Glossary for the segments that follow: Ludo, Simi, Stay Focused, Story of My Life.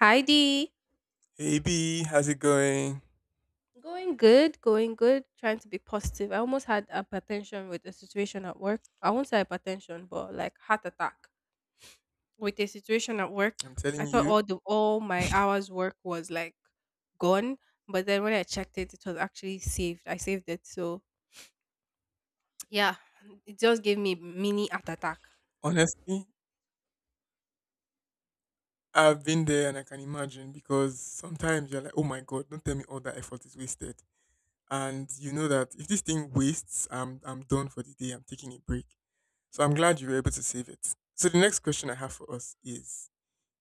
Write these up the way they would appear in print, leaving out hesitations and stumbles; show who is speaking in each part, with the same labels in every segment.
Speaker 1: Hi Dee.
Speaker 2: Hey B, how's it going?
Speaker 1: Going good, trying to be positive. I almost had hypertension with a situation at work. I won't say hypertension, but like heart attack with a situation at work.
Speaker 2: I'm
Speaker 1: I
Speaker 2: telling
Speaker 1: thought
Speaker 2: you,
Speaker 1: all my hours work was like gone, but then when I checked it, it was actually saved. I saved it. So yeah, it just gave me mini heart attack.
Speaker 2: honestly, I've been there and I can imagine because sometimes you're like, oh my God, don't tell me all that effort is wasted. And you know that if this thing wastes, I'm done for the day. I'm taking a break. So I'm glad you were able to save it. So the next question I have for us is,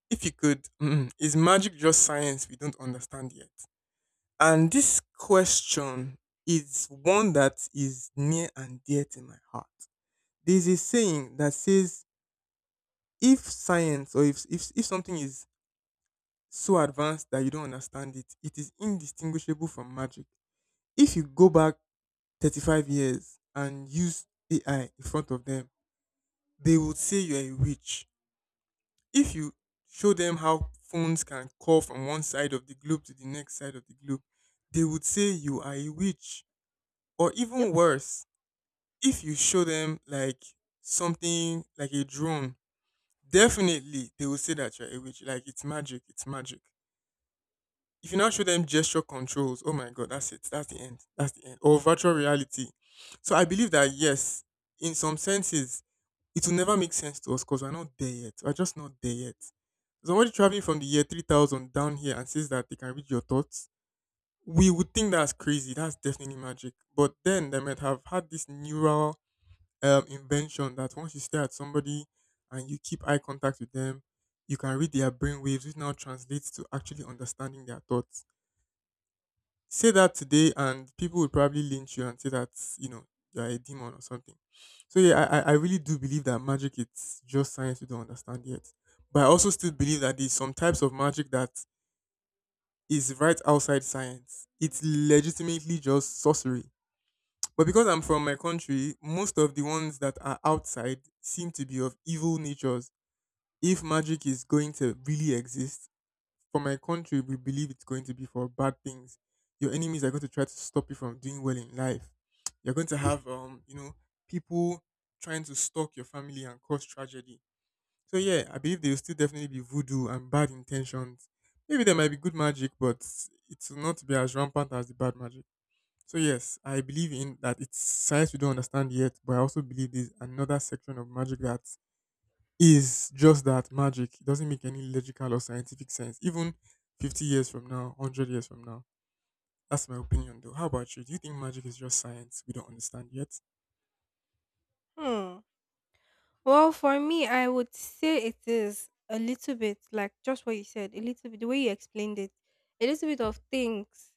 Speaker 2: if you could, is magic just science we don't understand yet? And this question is one that is near and dear to my heart. There's a saying that says if science or if something is so advanced that you don't understand it, it is indistinguishable from magic. If you go back 35 years and use AI in front of them, they would say you're a witch. If you show them how phones can call from one side of the globe to the next side of the globe, they would say you are a witch. Or
Speaker 1: Yep.
Speaker 2: even worse, if you show them like something like a drone, definitely they will say that you're a witch. Like it's magic, it's magic. If you now show them gesture controls, oh my god, that's it. That's the end. That's the end. Or virtual reality. So I believe that yes, in some senses, it will never make sense to us because we're not there yet. We're just not there yet. Somebody traveling from the year 3000 down here and says that they can read your thoughts, we would think that's crazy. That's definitely magic. But then they might have had this neural invention that once you stare at somebody and you keep eye contact with them, you can read their brain waves, which now translates to actually understanding their thoughts, say that today and people would probably lynch you and say that you know you're a demon or something. So yeah, I really do believe that magic, it's just science we don't understand yet, but I also still believe that there's some types of magic that is right outside science. It's legitimately just sorcery, but because I'm from my country, most of the ones that are outside seem to be of evil natures. If magic is going to really exist for my country, we believe it's going to be for bad things. Your enemies are going to try to stop you from doing well in life. You're going to have, people trying to stalk your family and cause tragedy. So yeah, I believe there will still definitely be voodoo and bad intentions. Maybe there might be good magic, but it's not to be as rampant as the bad magic. So yes, I believe in that it's science we don't understand yet, but I also believe there's another section of magic that is just that magic. It doesn't make any logical or scientific sense. Even 50 years from now, 100 years from now. That's my opinion though. How about you? Do you think magic is just science we don't understand yet?
Speaker 1: Hmm. Well, for me, I would say it is a little bit like just what you said, a little bit the way you explained it, a little bit of things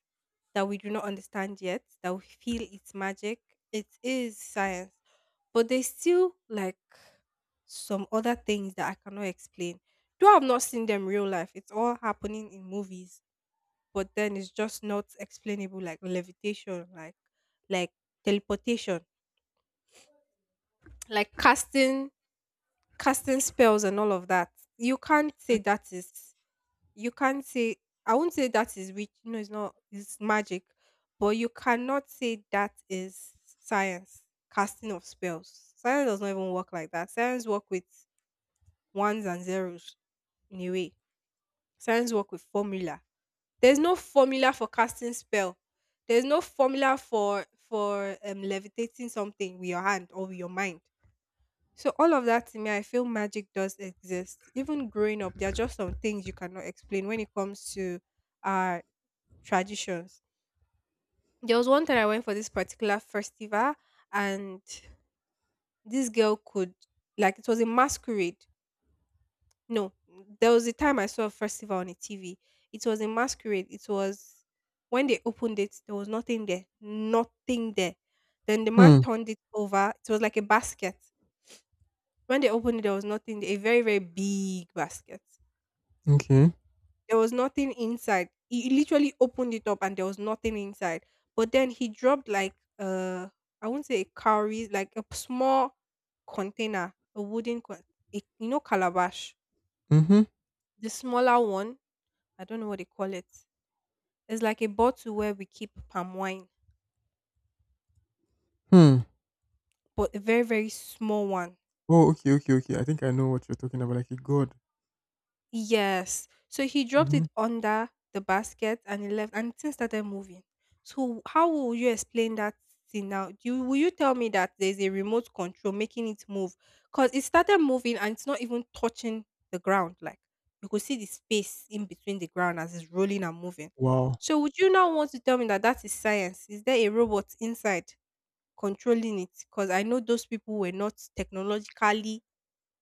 Speaker 1: that we do not understand yet, that we feel it's magic. It is science, but there's still like some other things that I cannot explain. Though I've not seen them real life, it's all happening in movies, but then it's just not explainable, like levitation, like teleportation, like casting spells and all of that. You can't say that is you can't say I won't say that is witch, no, it's not, it's magic, but you cannot say that is science, casting of spells. Science does not even work like that. Science work with ones and zeros in a way. Science work with formula. There's no formula for casting spell. There's no formula for levitating something with your hand or with your mind. So all of that to me, I feel magic does exist. Even growing up, there are just some things you cannot explain when it comes to our traditions. There was one time I went for this particular festival, and this girl could, like it was a masquerade. No, there was a time I saw a festival on a TV. It was a masquerade. It was when they opened it, there was nothing there, nothing there. Then the man
Speaker 2: Hmm.
Speaker 1: turned it over. It was like a basket. When they opened it, there was nothing there. A very very big basket.
Speaker 2: Okay.
Speaker 1: There was nothing inside. He literally opened it up and there was nothing inside. But then he dropped like uh I will not say a cowrie, like a small container, a wooden con- a, you know, calabash.
Speaker 2: Mm-hmm.
Speaker 1: The smaller one, I don't know what they call it. It's like a bottle where we keep palm wine,
Speaker 2: Hmm.
Speaker 1: but a very very small one.
Speaker 2: Oh, okay, okay, okay. I think I know what you're talking about. Like a god.
Speaker 1: Yes. So he dropped
Speaker 2: Mm-hmm.
Speaker 1: it under the basket and he left and things started moving. So how will you explain that thing now? Do you, will you tell me that there's a remote control making it move? Because it started moving and it's not even touching the ground. Like you could see the space in between the ground as it's rolling and moving.
Speaker 2: Wow.
Speaker 1: So would you now want to tell me that that is science? Is there a robot inside controlling it? Because I know those people were not technologically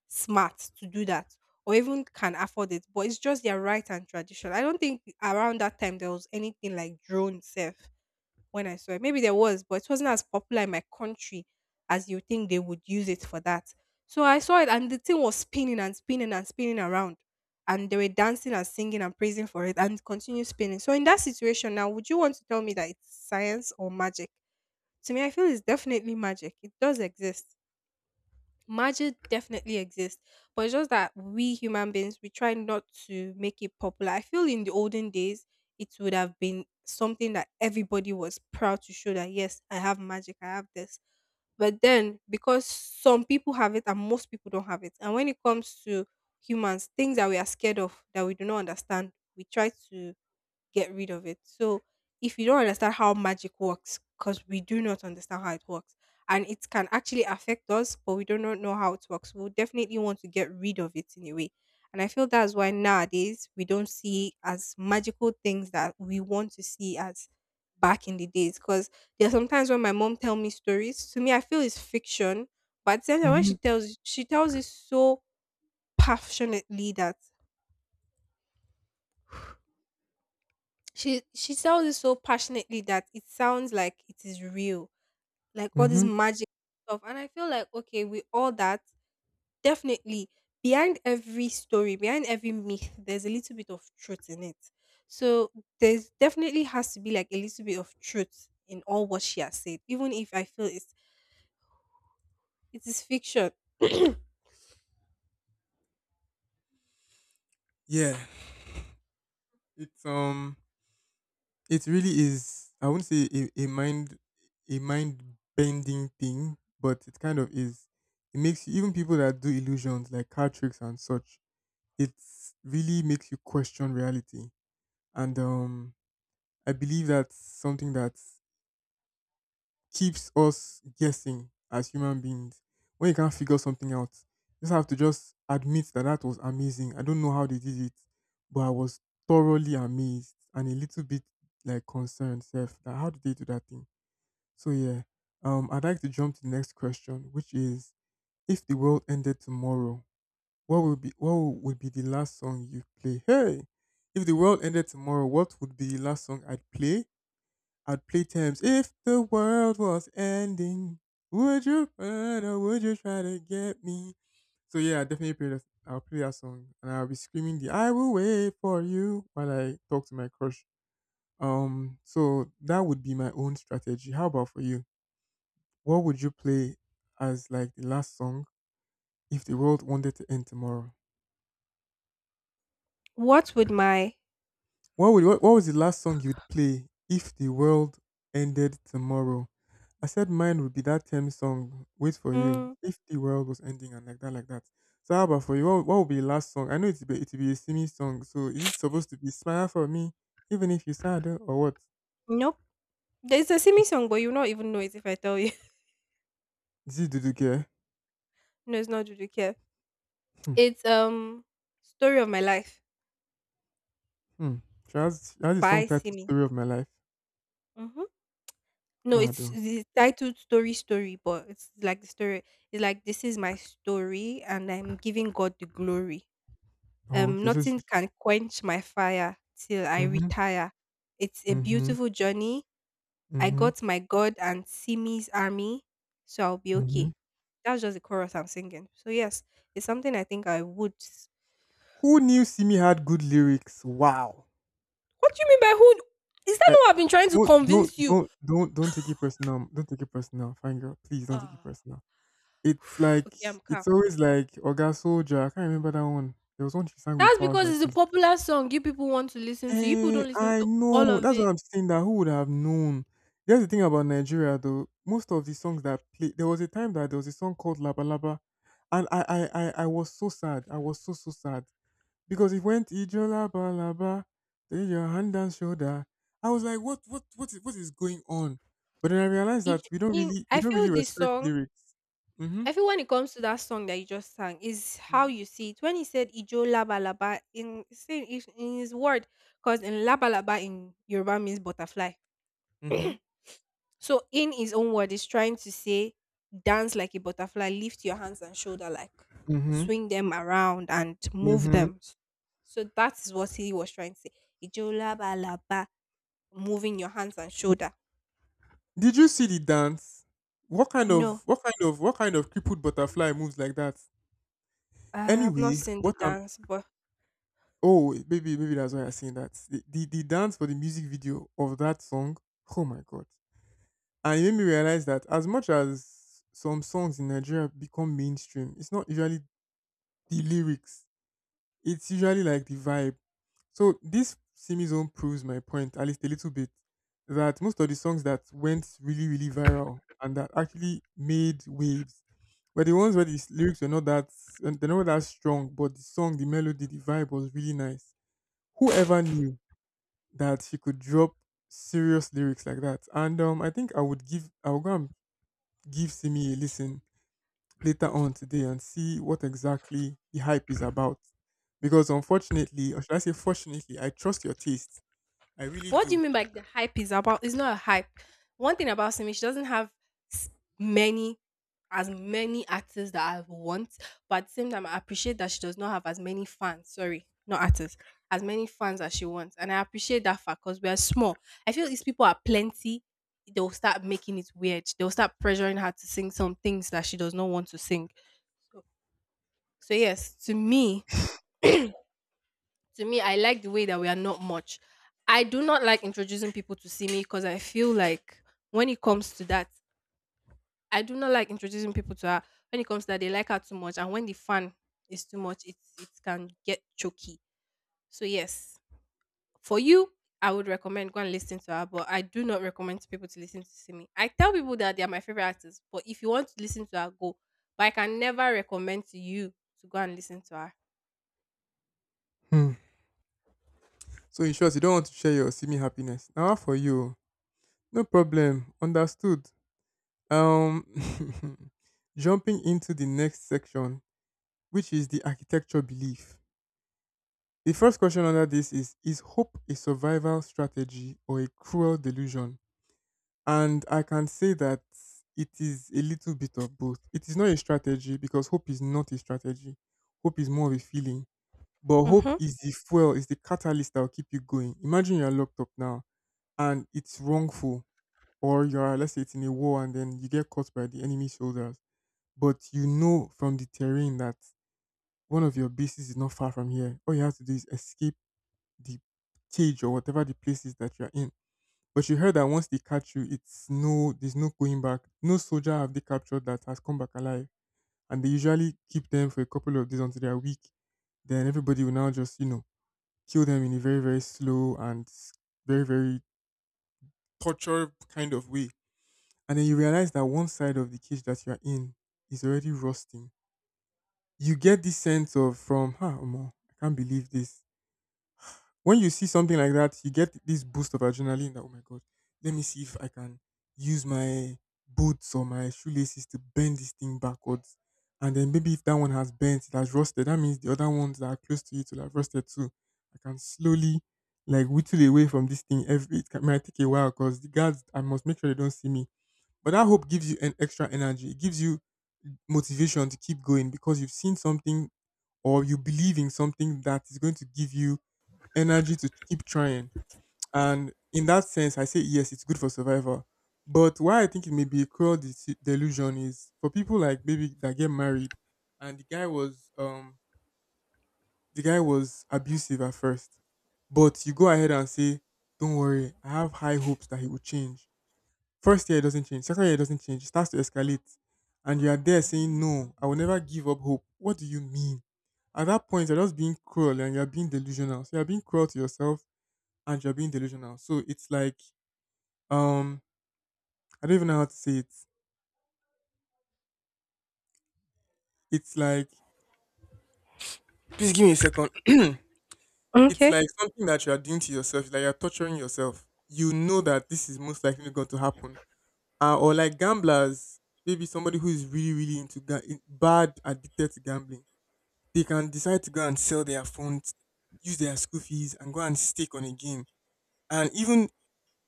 Speaker 1: smart to do that or even can afford it, but it's just their right and tradition. I don't think around that time there was anything like drone self when I saw it. Maybe there was, but it wasn't as popular in my country as you think they would use it for that. So I saw it and the thing was spinning and spinning and spinning around. And they were dancing and singing and praising for it and continue spinning. So in that situation now, would you want to tell me that it's science or magic? To me, I feel it's definitely magic. It does exist. Magic definitely exists, but it's just that we human beings, we try not to make it popular. I feel in the olden days it would have been something that everybody was proud to show that yes, I have magic, I have this. But then because some people have it and most people don't have it, and when it comes to humans, things that we are scared of that we do not understand, we try to get rid of it. So if you don't understand how magic works, because we do not understand how it works, and it can actually affect us, but we do not know how it works, we'll definitely want to get rid of it in a way. And I feel that's why nowadays we don't see as magical things that we want to see as back in the days. Because there are sometimes when my mom tell me stories, to me I feel it's fiction, but then when she
Speaker 2: Mm-hmm.
Speaker 1: tells she tells it so passionately that she tells it so passionately that it sounds like it is real, like all this
Speaker 2: Mm-hmm.
Speaker 1: magic stuff. And I feel like okay, with all that, definitely behind every story, behind every myth, there's a little bit of truth in it. So there's definitely has to be like a little bit of truth in all what she has said, even if I feel it's it is fiction.
Speaker 2: Yeah. It's it really is. I wouldn't say a mind bending thing, but it kind of is. It makes you, even people that do illusions like card tricks and such. It really makes you question reality, and I believe that's something that keeps us guessing as human beings. When you can't figure something out, you just have to just admit that that was amazing. I don't know how they did it, but I was thoroughly amazed and a little bit like concerned, self. That how did they do that thing? So yeah, I'd like to jump to the next question, which is: if the world ended tomorrow, what would be the last song you play? Hey, if the world ended tomorrow, what would be the last song I'd play? I'd play Thames. If the world was ending, would you run or would you try to get me? So yeah, I definitely play that. I'll play that song, and I'll be screaming the "I will wait for you" while I talk to my crush. So that would be my own strategy. How about for you? What would you play as like the last song if the world wanted to end tomorrow?
Speaker 1: What would my
Speaker 2: What was the last song you'd play if the world ended tomorrow? I said mine would be that Thames song, Wait for You,
Speaker 1: mm,
Speaker 2: if the world was ending and like that, like that. So how about for you? What would be the last song? I know it'd be a singing song, so is it supposed to be smile for me, even if you are sad eh, or what?
Speaker 1: nope, there's a Simi song but you will not even know it if I tell you.
Speaker 2: Is it Dudu Care?
Speaker 1: No, it's not Juju Care.
Speaker 2: Hmm.
Speaker 1: It's Story of My Life
Speaker 2: Hmm. She has the
Speaker 1: by
Speaker 2: song title
Speaker 1: Simi.
Speaker 2: Story of My Life.
Speaker 1: Mm-hmm. No,
Speaker 2: Mado.
Speaker 1: it's titled Story Story, but it's like the story. It's like this is my story, and I'm giving God the glory.
Speaker 2: Oh, oh, okay. So
Speaker 1: Nothing
Speaker 2: she,
Speaker 1: can quench my fire till I
Speaker 2: mm-hmm.
Speaker 1: retire. It's a
Speaker 2: Mm-hmm.
Speaker 1: beautiful journey. I
Speaker 2: Mhm,
Speaker 1: got my God and Simi's army, so I'll be okay.
Speaker 2: mhm.
Speaker 1: That's just the chorus I'm singing. So yes, it's something I think I would. S-
Speaker 2: Who knew Simi had good lyrics? Wow.
Speaker 1: What do you mean by who? Is that
Speaker 2: Uh,
Speaker 1: not what I've been trying to
Speaker 2: don't don't
Speaker 1: convince you?
Speaker 2: don't don't don't take it personal. Don't take it personal, fine girl. Please don't take it
Speaker 1: Ah,
Speaker 2: personal. It's like
Speaker 1: okay, I'm calm.
Speaker 2: it's always like Oga Soldier. I can't remember that one. There was one she sang with
Speaker 1: That's
Speaker 2: Faust
Speaker 1: because
Speaker 2: like
Speaker 1: it's a
Speaker 2: this.
Speaker 1: popular song you people want to listen to. You people
Speaker 2: Eh,
Speaker 1: don't listen
Speaker 2: I
Speaker 1: to all
Speaker 2: know.
Speaker 1: of
Speaker 2: That's what
Speaker 1: it.
Speaker 2: I'm saying. That who would have known? That's the thing about Nigeria, though. Most of the songs that play, there was a time that there was a song called Laba Laba, and I was so sad. I was so so sad because it went ijola balaba, then your hand and shoulder. I was like, what is going on? But then I realized
Speaker 1: It,
Speaker 2: that we don't
Speaker 1: in,
Speaker 2: really,
Speaker 1: I
Speaker 2: we don't
Speaker 1: feel
Speaker 2: really
Speaker 1: this
Speaker 2: respect
Speaker 1: song,
Speaker 2: lyrics. Mm-hmm.
Speaker 1: I feel when it comes to that song that you just sang, is how
Speaker 2: Mm-hmm.
Speaker 1: you see it. When he said Ijo Laba Laba, in, say- if- in his word, because in Laba Laba in Yoruba means butterfly.
Speaker 2: Mm-hmm.
Speaker 1: So, in his own word, he's trying to say, dance like a butterfly, lift your hands and shoulder, like
Speaker 2: Mm-hmm.
Speaker 1: swing them around and move
Speaker 2: Mm-hmm.
Speaker 1: them. So, that is what he was trying to say. Ijolabalaba, moving your hands and shoulder.
Speaker 2: Did you see the dance? What kind
Speaker 1: No,
Speaker 2: of, what kind of, what kind of crippled butterfly moves like that?
Speaker 1: I have not
Speaker 2: Anyway,
Speaker 1: seen the
Speaker 2: what I'm,
Speaker 1: dance, but
Speaker 2: oh, maybe, maybe that's why I'm saying that. The dance for the music video of that song. Oh my God. And it made me realize that as much as some songs in Nigeria become mainstream, it's not usually the lyrics. It's usually like the vibe. So this Simi Zone proves my point, at least a little bit, that most of the songs that went really, really viral and that actually made waves were the ones where the lyrics were not that they're not really that strong, but the song, the melody, the vibe was really nice. Whoever knew that she could drop serious lyrics like that? And I think I would go and give Simi a listen later on today and see what exactly the hype is about. Because unfortunately, or should I say fortunately, I trust your taste. I really
Speaker 1: what do
Speaker 2: do.
Speaker 1: you mean by the hype is about? It's not a hype. One thing about Simi, she doesn't have s- many, as many actors that I want, but at the same time, I appreciate that she does not have as many fans. Sorry, not actors, as many fans as she wants, and I appreciate that fact because we are small. I feel these people are plenty. They'll start making it weird. They'll start pressuring her to sing some things that she does not want to sing. So yes, to me, to me, I like the way that we are not much. I do not like introducing people to see me because I feel like when it comes to that, I do not like introducing people to her. When it comes to that, they like her too much, and when the fan is too much, it can get choky. So yes, for you, I would recommend go and listen to her, but I do not recommend to people to listen to Simi. I tell people that they are my favorite artists, but if you want to listen to her, go. But I can never recommend to you to go and listen to her.
Speaker 2: Hmm. So in short, you don't want to share your Simi happiness. Now for you, no problem. Understood. Um, jumping into the next section, which is the architecture belief. The first question under this is: is hope a survival strategy or a cruel delusion? And I can say that it is a little bit of both. It is not a strategy because hope is not a strategy. Hope is more of a feeling. But hope
Speaker 1: Mm-hmm.
Speaker 2: is the fuel, is the catalyst that will keep you going. Imagine you're locked up now and it's wrongful, or you're, let's say, it's in a war and then you get caught by the enemy soldiers. But you know from the terrain that one of your bases is not far from here. All you have to do is escape the cage or whatever the place is that you're in, but you heard that once they catch you, it's no, there's no going back. No soldier have they captured that has come back alive, and they usually keep them for a couple of days until they are weak. Then everybody will now just kill them in a very very slow and very very torture kind of way. And then you realize that one side of the cage that you are in is already rusting. You get this sense of from, ha, huh, Omo, I can't believe this. When you see something like that, you get this boost of adrenaline that, oh my God, let me see if I can use my boots or my shoelaces to bend this thing backwards. And then maybe if that one has bent, it has rusted, that means the other ones that are close to it will have rusted too. I can slowly like whittle away from this thing every, might take a while because the guards, I must make sure they don't see me. But that hope gives you an extra energy. It gives you motivation to keep going because you've seen something or you believe in something that is going to give you energy to keep trying. And in that sense, I say yes, it's good for survival. But why I think it may be a cruel delusion is for people like maybe that get married, and the guy was the guy was abusive at first, but you go ahead and say, "Don't worry, I have high hopes that he will change." First year it doesn't change, second year it doesn't change, it starts to escalate, and you are there saying, "No, I will never give up hope." What do you mean? At that point, you're just being cruel and you're being delusional. So you're being cruel to yourself and you're being delusional. So it's like um I don't even know how to say it. It's like please give me a second. It's
Speaker 1: Okay.
Speaker 2: like something that you are doing to yourself, it's like you're torturing yourself. You know that this is most likely going to happen. Or like gamblers, maybe somebody who is really, really into bad addicted to gambling, they can decide to go and sell their phones, use their school fees, and go and stake on a game. And even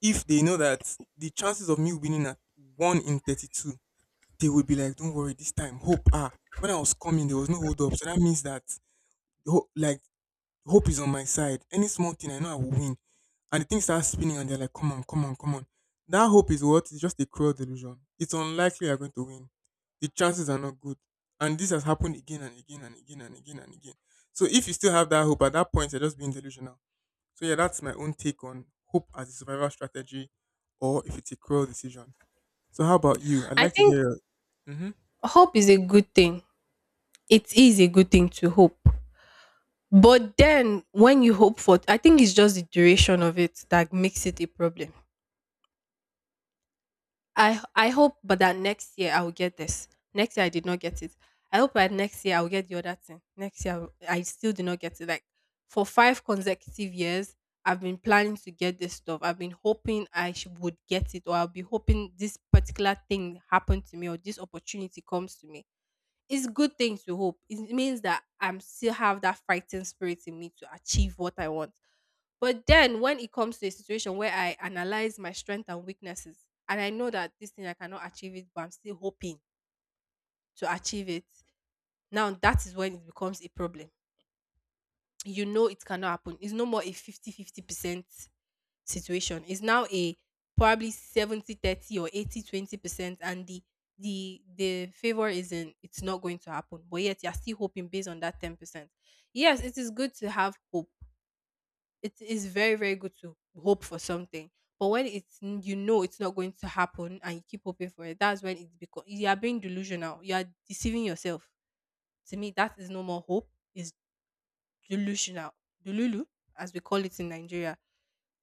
Speaker 2: if they know that the chances of me winning at one in 32. They would be like, "Don't worry this time, hope, ah, when I was coming there was no hold up, so that means that like hope is on my side. Any small thing I know I will win." And the thing starts spinning and they're like, "Come on, come on, come on." That hope is what? It's just a cruel delusion. It's unlikely you're going to win. The chances are not good. And this has happened again and again and again and again and again. So if you still have that hope at that point, you're just being delusional. So yeah, that's my own take on hope as a survival strategy or if it's a cruel decision. So how about you? I'd
Speaker 1: I
Speaker 2: like to
Speaker 1: think
Speaker 2: hear your Mhm.
Speaker 1: hope is a good thing. It is a good thing to hope. But then when you hope for, I think it's just the duration of it that makes it a problem. I hope but that next year I will get this. Next year I did not get it. I hope that next year I will get the other thing. Next year I will- I still did not get it. Like for 5 consecutive years, I've been planning to get this stuff. I've been hoping I sh- would get it, or I'll be hoping this particular thing happened to me, or this opportunity comes to me. It's good thing to hope. It means that I'm still have that fighting spirit in me to achieve what I want. But then when it comes to a situation where I analyze my strength and weaknesses and I know that this thing I cannot achieve it, but I'm still hoping to achieve it. Now that is when it becomes a problem. You know it cannot happen. It's no more a 50-50% situation is now a probably 70 30 or 80-20% and the favor isn't it's not going to happen, but yet you're still hoping based on that 10%. Yes, it is good to have hope. It is very, very good to hope for something. But when it's you know it's not going to happen and you keep hoping for it, that's when it's because you are being delusional, you are deceiving yourself. To me, that is no more hope, it's delusional. Delulu, as we call it in Nigeria,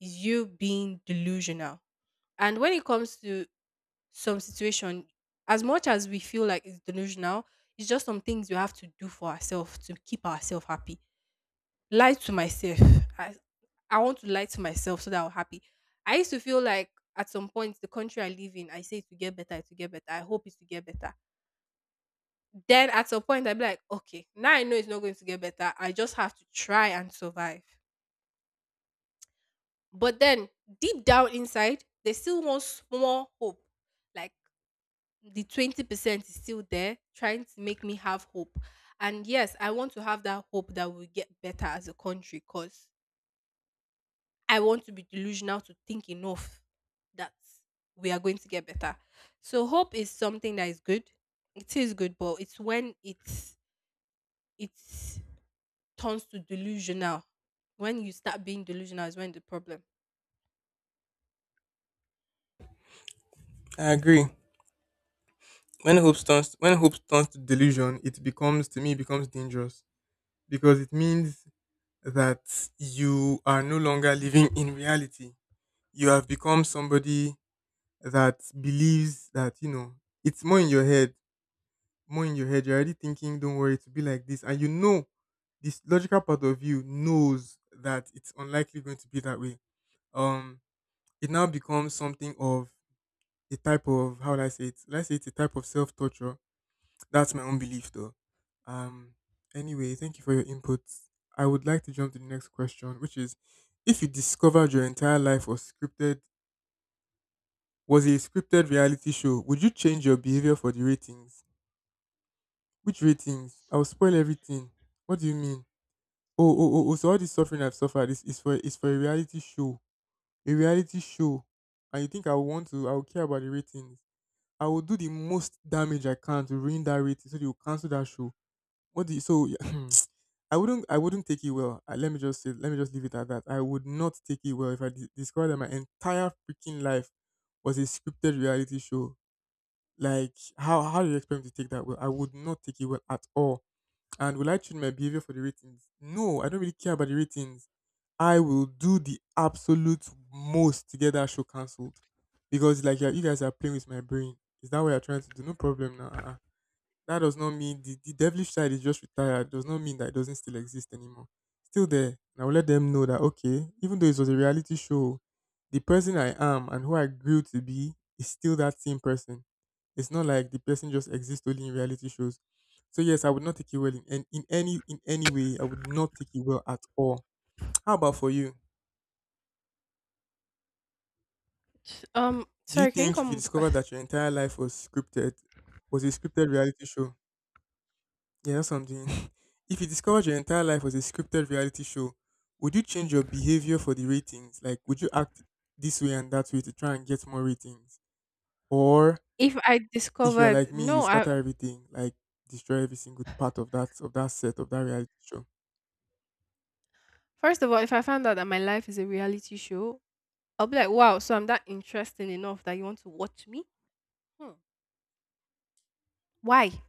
Speaker 1: is you being delusional. And when it comes to some situation, as much as we feel like it's delusional, it's just some things we have to do for ourselves to keep ourselves happy. Lie to myself. I, I want to lie to myself so that I'm happy. I used to feel like at some point the country I live in, I say it to get better, it to get better. I hope it to get better. Then at some point I'd be like, okay, now I know it's not going to get better. I just have to try and survive. But then deep down inside, there's still one small hope. Like the 20% is still there trying to make me have hope. And yes, I want to have that hope that we get better as a country, because I want to be delusional to think enough that we are going to get better. So hope is something that is good. It is good, but it's when it's it turns to delusional. When you start being delusional is when the problem.
Speaker 2: I agree. When hope turns to delusion, it becomes to me it becomes dangerous because it means that you are no longer living in reality. You have become somebody that believes that you know it's more in your head, more in your head. You're already thinking, "Don't worry, to be like this," and you know this logical part of you knows that it's unlikely going to be that way. Um, it now becomes something of a type of how would I say it? Let's say it's a type of self torture. That's my own belief, though. Um. Anyway, thank you for your input. I would like to jump to the next question, which is: if you discovered your entire life was scripted, was a scripted reality show, would you change your behavior for the ratings? Which ratings? I'll spoil everything. What do you mean? Oh, oh, oh, oh! So all this suffering I've suffered is for is for a reality show, a reality show. And you think I would want to? I would care about the ratings. I will do the most damage I can to ruin that rating, so they will cancel that show. What do you so? I wouldn't take it well. Let me just say let me just leave it at that. I would not take it well if discovered that my entire freaking life was a scripted reality show. Like how do you expect me to take that well? I would not take it well at all. And will I change my behavior for the ratings? No, I don't really care about the ratings. I will do the absolute most to get that show cancelled. Because like you guys are playing with my brain. Is that what you're trying to do? No problem now. Uh-uh. That does not mean the devilish side is just retired. Does not mean that it doesn't still exist anymore. Still there. And I will let them know that okay, even though it was a reality show, the person I am and who I grew to be is still that same person. It's not like the person just exists only in reality shows. So yes, I would not take it well in any way. I would not take it well at all. How about for you? Do you
Speaker 1: Sorry, can you
Speaker 2: think if
Speaker 1: come
Speaker 2: you
Speaker 1: with the
Speaker 2: discovered
Speaker 1: question?
Speaker 2: that your entire life was scripted, was a scripted reality show, you know something? If you discovered your entire life was a scripted reality show, would you change your behavior for the ratings? Like, would you act this way and that way to try and get more ratings? Or
Speaker 1: If I
Speaker 2: if you're like
Speaker 1: discovered,
Speaker 2: me, you
Speaker 1: no, I
Speaker 2: scatter everything, like destroy every single part of that set of that reality show.
Speaker 1: First of all, if I found out that my life is a reality show, I'll be like, wow, so I'm that interesting enough that you want to watch me? Hmm. Why?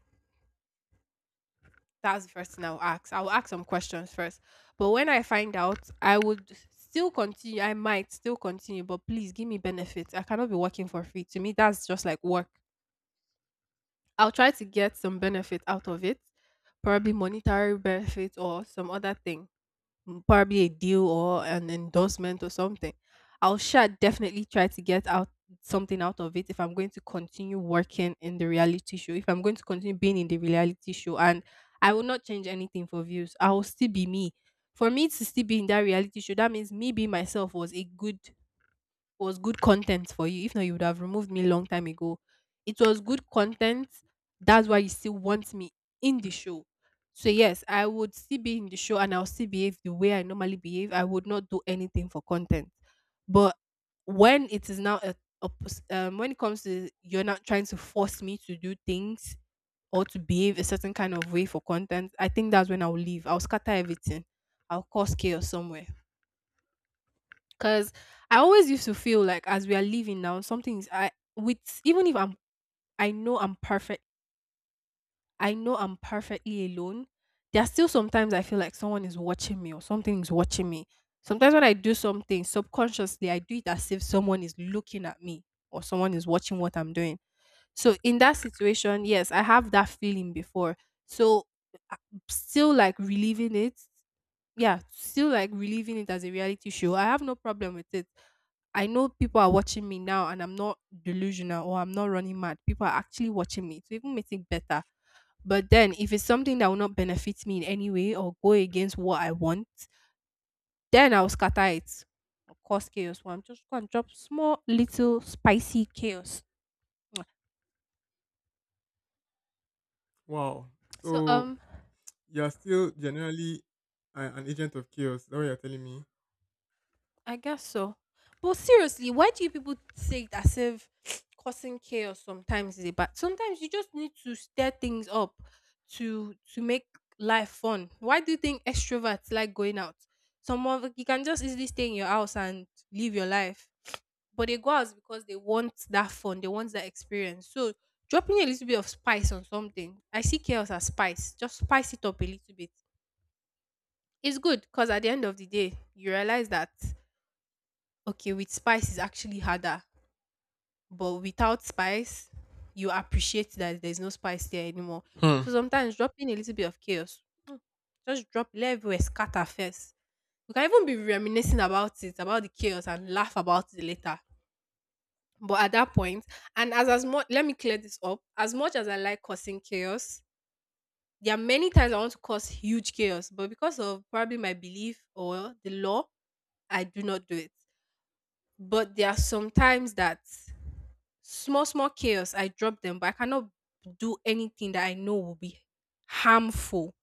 Speaker 1: That's the first thing I'll ask. I'll ask some questions first. But when I find out, I would still continue. I might still continue, but please give me benefits. I cannot be working for free. To me, that's just like work. I'll try to get some benefit out of it, probably monetary benefit or some other thing, probably a deal or an endorsement or something. I'll sure definitely try to get out something out of it if I'm going to continue working in the reality show, if I'm going to continue being in the reality show. And I will not change anything for views. I will still be me. For me to still be in that reality show, that means me being myself was a good was good content for you. If not, you would have removed me long time ago. It was good content. That's why you still want me in the show. So yes, I would still be in the show and I'll still behave the way I normally behave. I would not do anything for content. But when it is now when it comes to you're not trying to force me to do things or to behave a certain kind of way for content, I think that's when I'll leave. I'll scatter everything. I'll cause chaos somewhere. Cause I always used to feel like as we are living now, something is I with even if I know I'm perfect, I know I'm perfectly alone. There are still sometimes I feel like someone is watching me or something is watching me. Sometimes when I do something subconsciously, I do it as if someone is looking at me or someone is watching what I'm doing. So in that situation, yes, I have that feeling before. So I- still like relieving it yeah, still like reliving it as a reality show. I have no problem with it. I know people are watching me now and I'm not delusional or I'm not running mad. People are actually watching me. It even makes it better. But then if it's something that will not benefit me in any way or go against what I want, then I'll scatter it or cause chaos. Well, I'm just gonna drop small little spicy chaos.
Speaker 2: Wow.
Speaker 1: So
Speaker 2: So you're still generally an agent of chaos. Is that what you're telling me?
Speaker 1: I guess so. But seriously, why do you people say it as if causing chaos sometimes is a bad? Sometimes you just need to stir things up to make life fun. Why do you think extroverts like going out? Someone you can just easily stay in your house and live your life, but they go out because they want that fun. They want that experience. So dropping a little bit of spice on something, I see chaos as spice. Just spice it up a little bit. It's good because at the end of the day, you realize that okay with spice is actually harder, but without spice you appreciate that there's no spice there anymore.
Speaker 2: Hmm.
Speaker 1: So sometimes dropping a little bit of chaos, just drop, let everywhere scatter first. You can even be reminiscing about it, about the chaos, and laugh about it later. But at that point, and as much, let me clear this up, as much as I like causing chaos, there are many times I want to cause huge chaos, but because of probably my belief or the law, I do not do it. But there are some times that small small chaos I drop them, but I cannot do anything that I know will be harmful,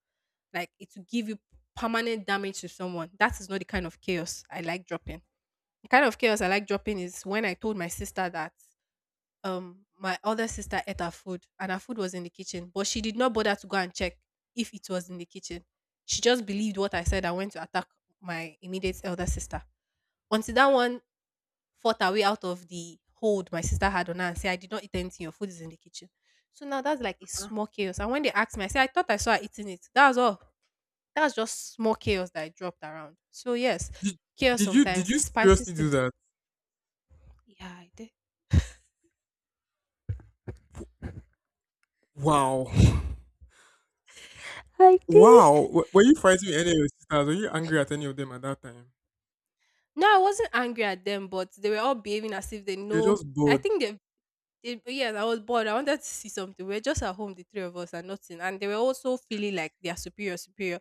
Speaker 1: like it will give you permanent damage to someone. That is not the kind of chaos I like dropping. The kind of chaos I like dropping is when I told my sister that my other sister ate her food, and her food was in the kitchen, but she did not bother to go and check if it was in the kitchen. She just believed what I said and went to attack my immediate elder sister, until that one fought her way out of the hold my sister had on her and say, I did not eat anything, your food is in the kitchen. So now that's like a
Speaker 2: Ah,
Speaker 1: small chaos. And when they asked me, I said, I thought I saw her eating it. That was all. That's just small chaos that I dropped around. So yes,
Speaker 2: did,
Speaker 1: chaos
Speaker 2: did you did
Speaker 1: sometimes
Speaker 2: you
Speaker 1: it spices
Speaker 2: seriously
Speaker 1: things.
Speaker 2: do that?
Speaker 1: Yeah, I did.
Speaker 2: Wow.
Speaker 1: Like
Speaker 2: Wow!
Speaker 1: this.
Speaker 2: W were you fighting with any of your sisters? Were you angry at any of them at that time?
Speaker 1: No, I wasn't angry at them, but they were all behaving as if they
Speaker 2: You're
Speaker 1: know.
Speaker 2: just
Speaker 1: I
Speaker 2: bored.
Speaker 1: think they It, yes, I was bored. I wanted to see something. We are just at home, the three of us, and nothing. And they were also feeling like they are superior, superior.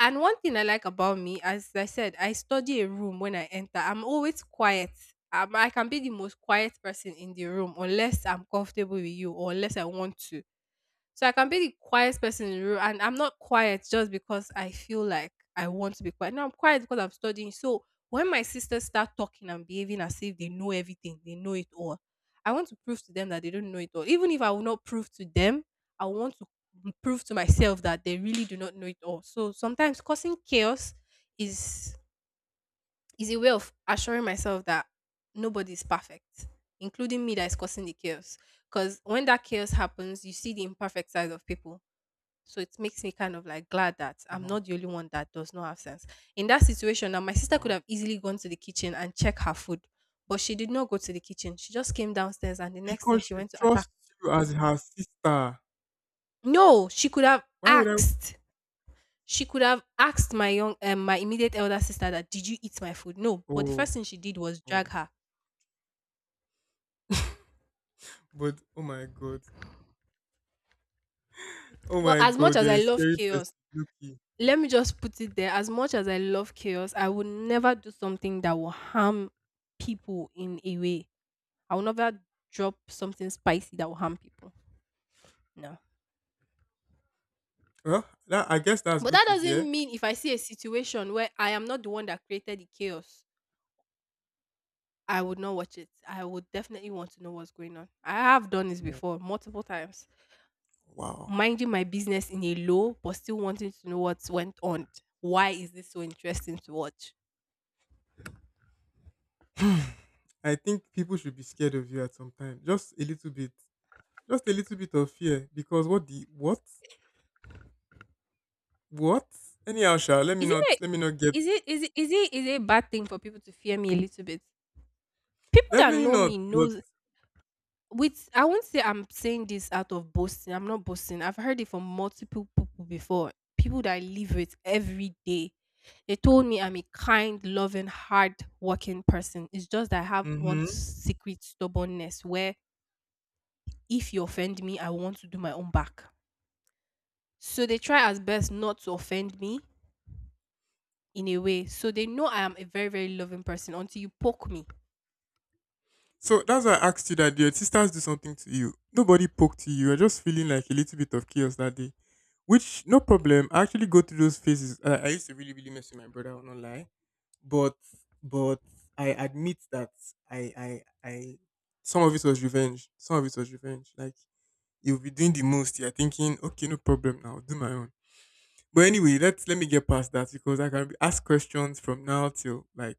Speaker 1: And one thing I like about me, as I said, I study a room when I enter. I'm always quiet. I can be the most quiet person in the room unless I'm comfortable with you or unless I want to. So I can be the quietest person in the room, and I'm not quiet just because I feel like I want to be quiet. No, I'm quiet because I'm studying. So when my sisters start talking and behaving as if they know everything, they know it all, I want to prove to them that they don't know it all. Even if I will not prove to them, I want to prove to myself that they really do not know it all. So sometimes causing chaos is is a way of assuring myself that nobody is perfect, including me that is causing the chaos. Because when that chaos happens, you see the imperfect side of people, so it makes me kind of like glad that I'm
Speaker 2: Wow,
Speaker 1: not the only one that does not have sense. In that situation, now my sister could
Speaker 2: wow.
Speaker 1: have easily gone to the kitchen and check her food, but she did not go to the kitchen. She just came downstairs and the next thing
Speaker 2: Because
Speaker 1: she
Speaker 2: she
Speaker 1: went to attack.
Speaker 2: trusts you as her sister.
Speaker 1: No, she could have
Speaker 2: Why would I
Speaker 1: asked. She could have asked my immediate elder sister that did you eat my food? No, but the
Speaker 2: oh,
Speaker 1: first thing she did was drag
Speaker 2: oh.
Speaker 1: her.
Speaker 2: But, oh my God. Oh
Speaker 1: But
Speaker 2: my
Speaker 1: as much
Speaker 2: God,
Speaker 1: as
Speaker 2: you're
Speaker 1: I
Speaker 2: a
Speaker 1: love
Speaker 2: scary person,
Speaker 1: chaos,
Speaker 2: Loki.
Speaker 1: let me just put it there. As much as I love chaos, I would never do something that will harm people in a way. I'll never drop something spicy that will harm people. No.
Speaker 2: Well, that, I guess that's
Speaker 1: But
Speaker 2: good
Speaker 1: that
Speaker 2: to
Speaker 1: doesn't
Speaker 2: hear.
Speaker 1: mean if I see a situation where I am not the one that created the chaos, I would not watch it. I would definitely want to know what's going on. I have done this
Speaker 2: Wo-
Speaker 1: before multiple times,
Speaker 2: Wow.
Speaker 1: minding my business in a low, but still wanting to know what went on. Why is this so interesting to watch?
Speaker 2: I think people should be scared of you at some time. Just a little bit. Just a little bit of fear. Because what the what? What? Anyhow, Sha, let me
Speaker 1: Isn't
Speaker 2: not
Speaker 1: it?
Speaker 2: let me not get
Speaker 1: Is it? Is it? Is it? Is it a bad thing for people to fear me a little bit? People that
Speaker 2: definitely
Speaker 1: know
Speaker 2: not.
Speaker 1: me
Speaker 2: But
Speaker 1: knows With I won't say I'm saying this out of boasting. I'm not boasting. I've heard it from multiple people before. People that I live with every day. They told me I'm a kind, loving, hard working person. It's just that I have one
Speaker 2: hmm,
Speaker 1: secret stubbornness where if you offend me, I want to do my own back. So they try as best not to offend me in a way. So they know I am a very, very loving person until you poke me.
Speaker 2: so that's why I asked you that. Did your sisters do something to you? Nobody poked you. You're just feeling like a little bit of chaos that day, which no problem. I actually go through those phases. I used to really, really mess with my brother. I will not lie, but but I admit that I I I some of it was revenge. Some of it was revenge. Like you'll be doing the most. You're thinking, okay, no problem. Now I'll do my own. But anyway, let me get past that because I can be asked questions from now till like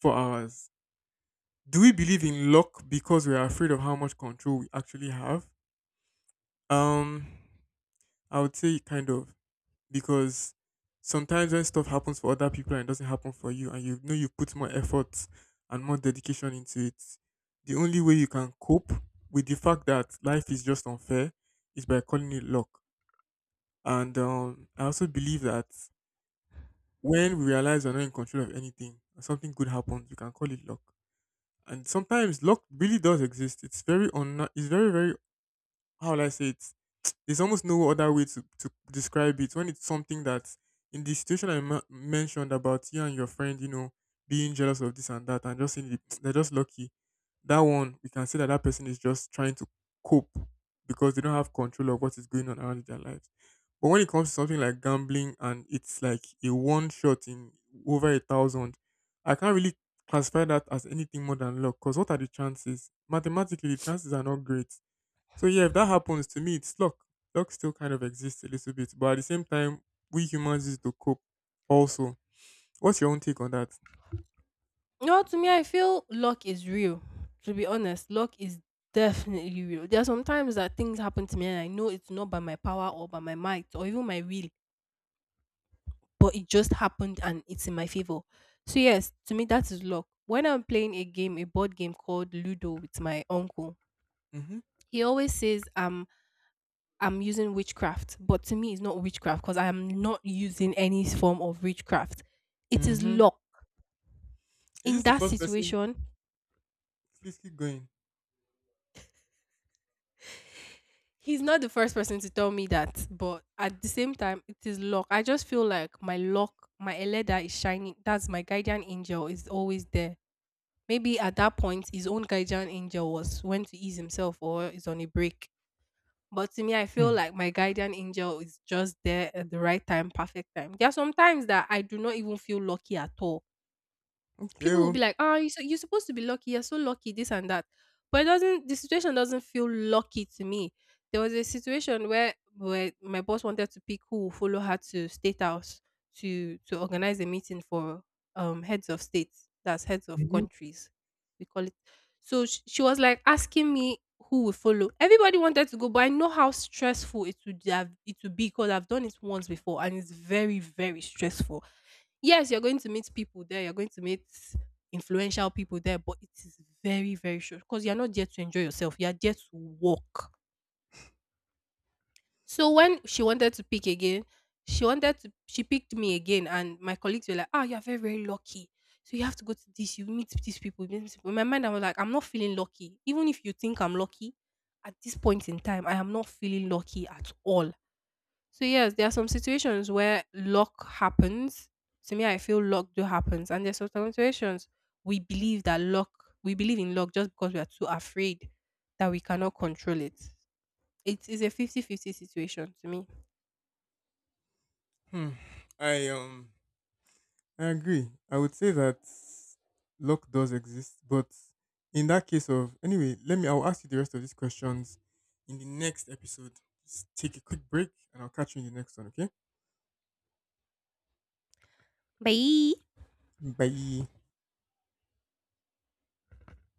Speaker 2: 4 hours. Do we believe in luck because we are afraid of how much control we actually have? Um, I would say kind of because sometimes when stuff happens for other people and doesn't happen for you, and you know you put more effort and more dedication into it, the only way you can cope with the fact that life is just unfair is by calling it luck. And I also believe that when we realize we're not in control of anything, something good happens, we can call it luck and sometimes luck really does exist. It's very very how will I say it? There's almost no other way to describe it when it's something that in the situation I mentioned about you and your friend, you know, being jealous of this and that, and just saying they're just lucky. That one, we can say that that person is just trying to cope because they don't have control of what is going on around in their lives. But when it comes to something like gambling and it's like a one shot in over a thousand, I can't really classify that as anything more than luck because what are the chances? Mathematically, the chances are not great so yeah, if that happens to me, it's luck. Luck still kind of exists a little bit, but at the same time, we humans use it to cope. Also, what's your own take on that?
Speaker 1: No, to me, I feel luck is real. To be honest, luck is definitely real. There are some times that things happen to me and I know it's not by my power or by my might or even my will, but it just happened and it's in my favor. So, yes, to me, that is luck. When I'm playing a game, a board game called Ludo with my uncle,
Speaker 2: Mm-hmm.
Speaker 1: he always says I'm using witchcraft, but to me, it's not witchcraft because I am not using any form of witchcraft. It is
Speaker 2: Mm-hmm.
Speaker 1: luck.
Speaker 2: Is
Speaker 1: In
Speaker 2: this the
Speaker 1: that
Speaker 2: first person?
Speaker 1: situation,
Speaker 2: Please keep going.
Speaker 1: he's not the first person to tell me that, but at the same time, it is luck. I just feel like my luck, my Eleda is shining. That's my guardian angel is always there. Maybe at that point, his own guardian angel was went to ease himself or is on a break. But to me, I feel
Speaker 2: Hmm.
Speaker 1: like my guardian angel is just there at the right time, perfect time. There are some times that I do not even feel lucky at all.
Speaker 2: Okay.
Speaker 1: People will be
Speaker 2: Oh.
Speaker 1: like, "Ah, you so you're supposed to be lucky. You're so lucky, this and that." But it doesn't. The situation doesn't feel lucky to me. There was a situation where my boss wanted to pick who will follow her to state house to organize a meeting for heads of states. That's heads of
Speaker 2: Mhm.
Speaker 1: countries. We call it. So she was like asking me who will follow. Everybody wanted to go, but I know how stressful it would have it would be because I've done it once before, and it's very, very stressful. Yes, you're going to meet people there, you're going to meet influential people there, but it is very, very short because you're not there to enjoy yourself, you're there to work. So when she wanted to pick again, she wanted to she picked me again and my colleagues were like, Ah, you're very, very lucky. So you have to go to this, you meet these people, meet these people. In my mind, I was like, I'm not feeling lucky. Even if you think I'm lucky, at this point in time, I am not feeling lucky at all. So yes, there are some situations where luck happens. To me, I feel luck do happens, and there's some situations we believe that luck, we believe in luck just because we are too afraid that we cannot control it. It is a 50-50 situation to me.
Speaker 2: Hmm. I. I agree. I would say that luck does exist, but in that case of anyway, let me. I'll ask you the rest of these questions in the next episode. Just take a quick break, and I'll catch you in the next one. Okay. Bye.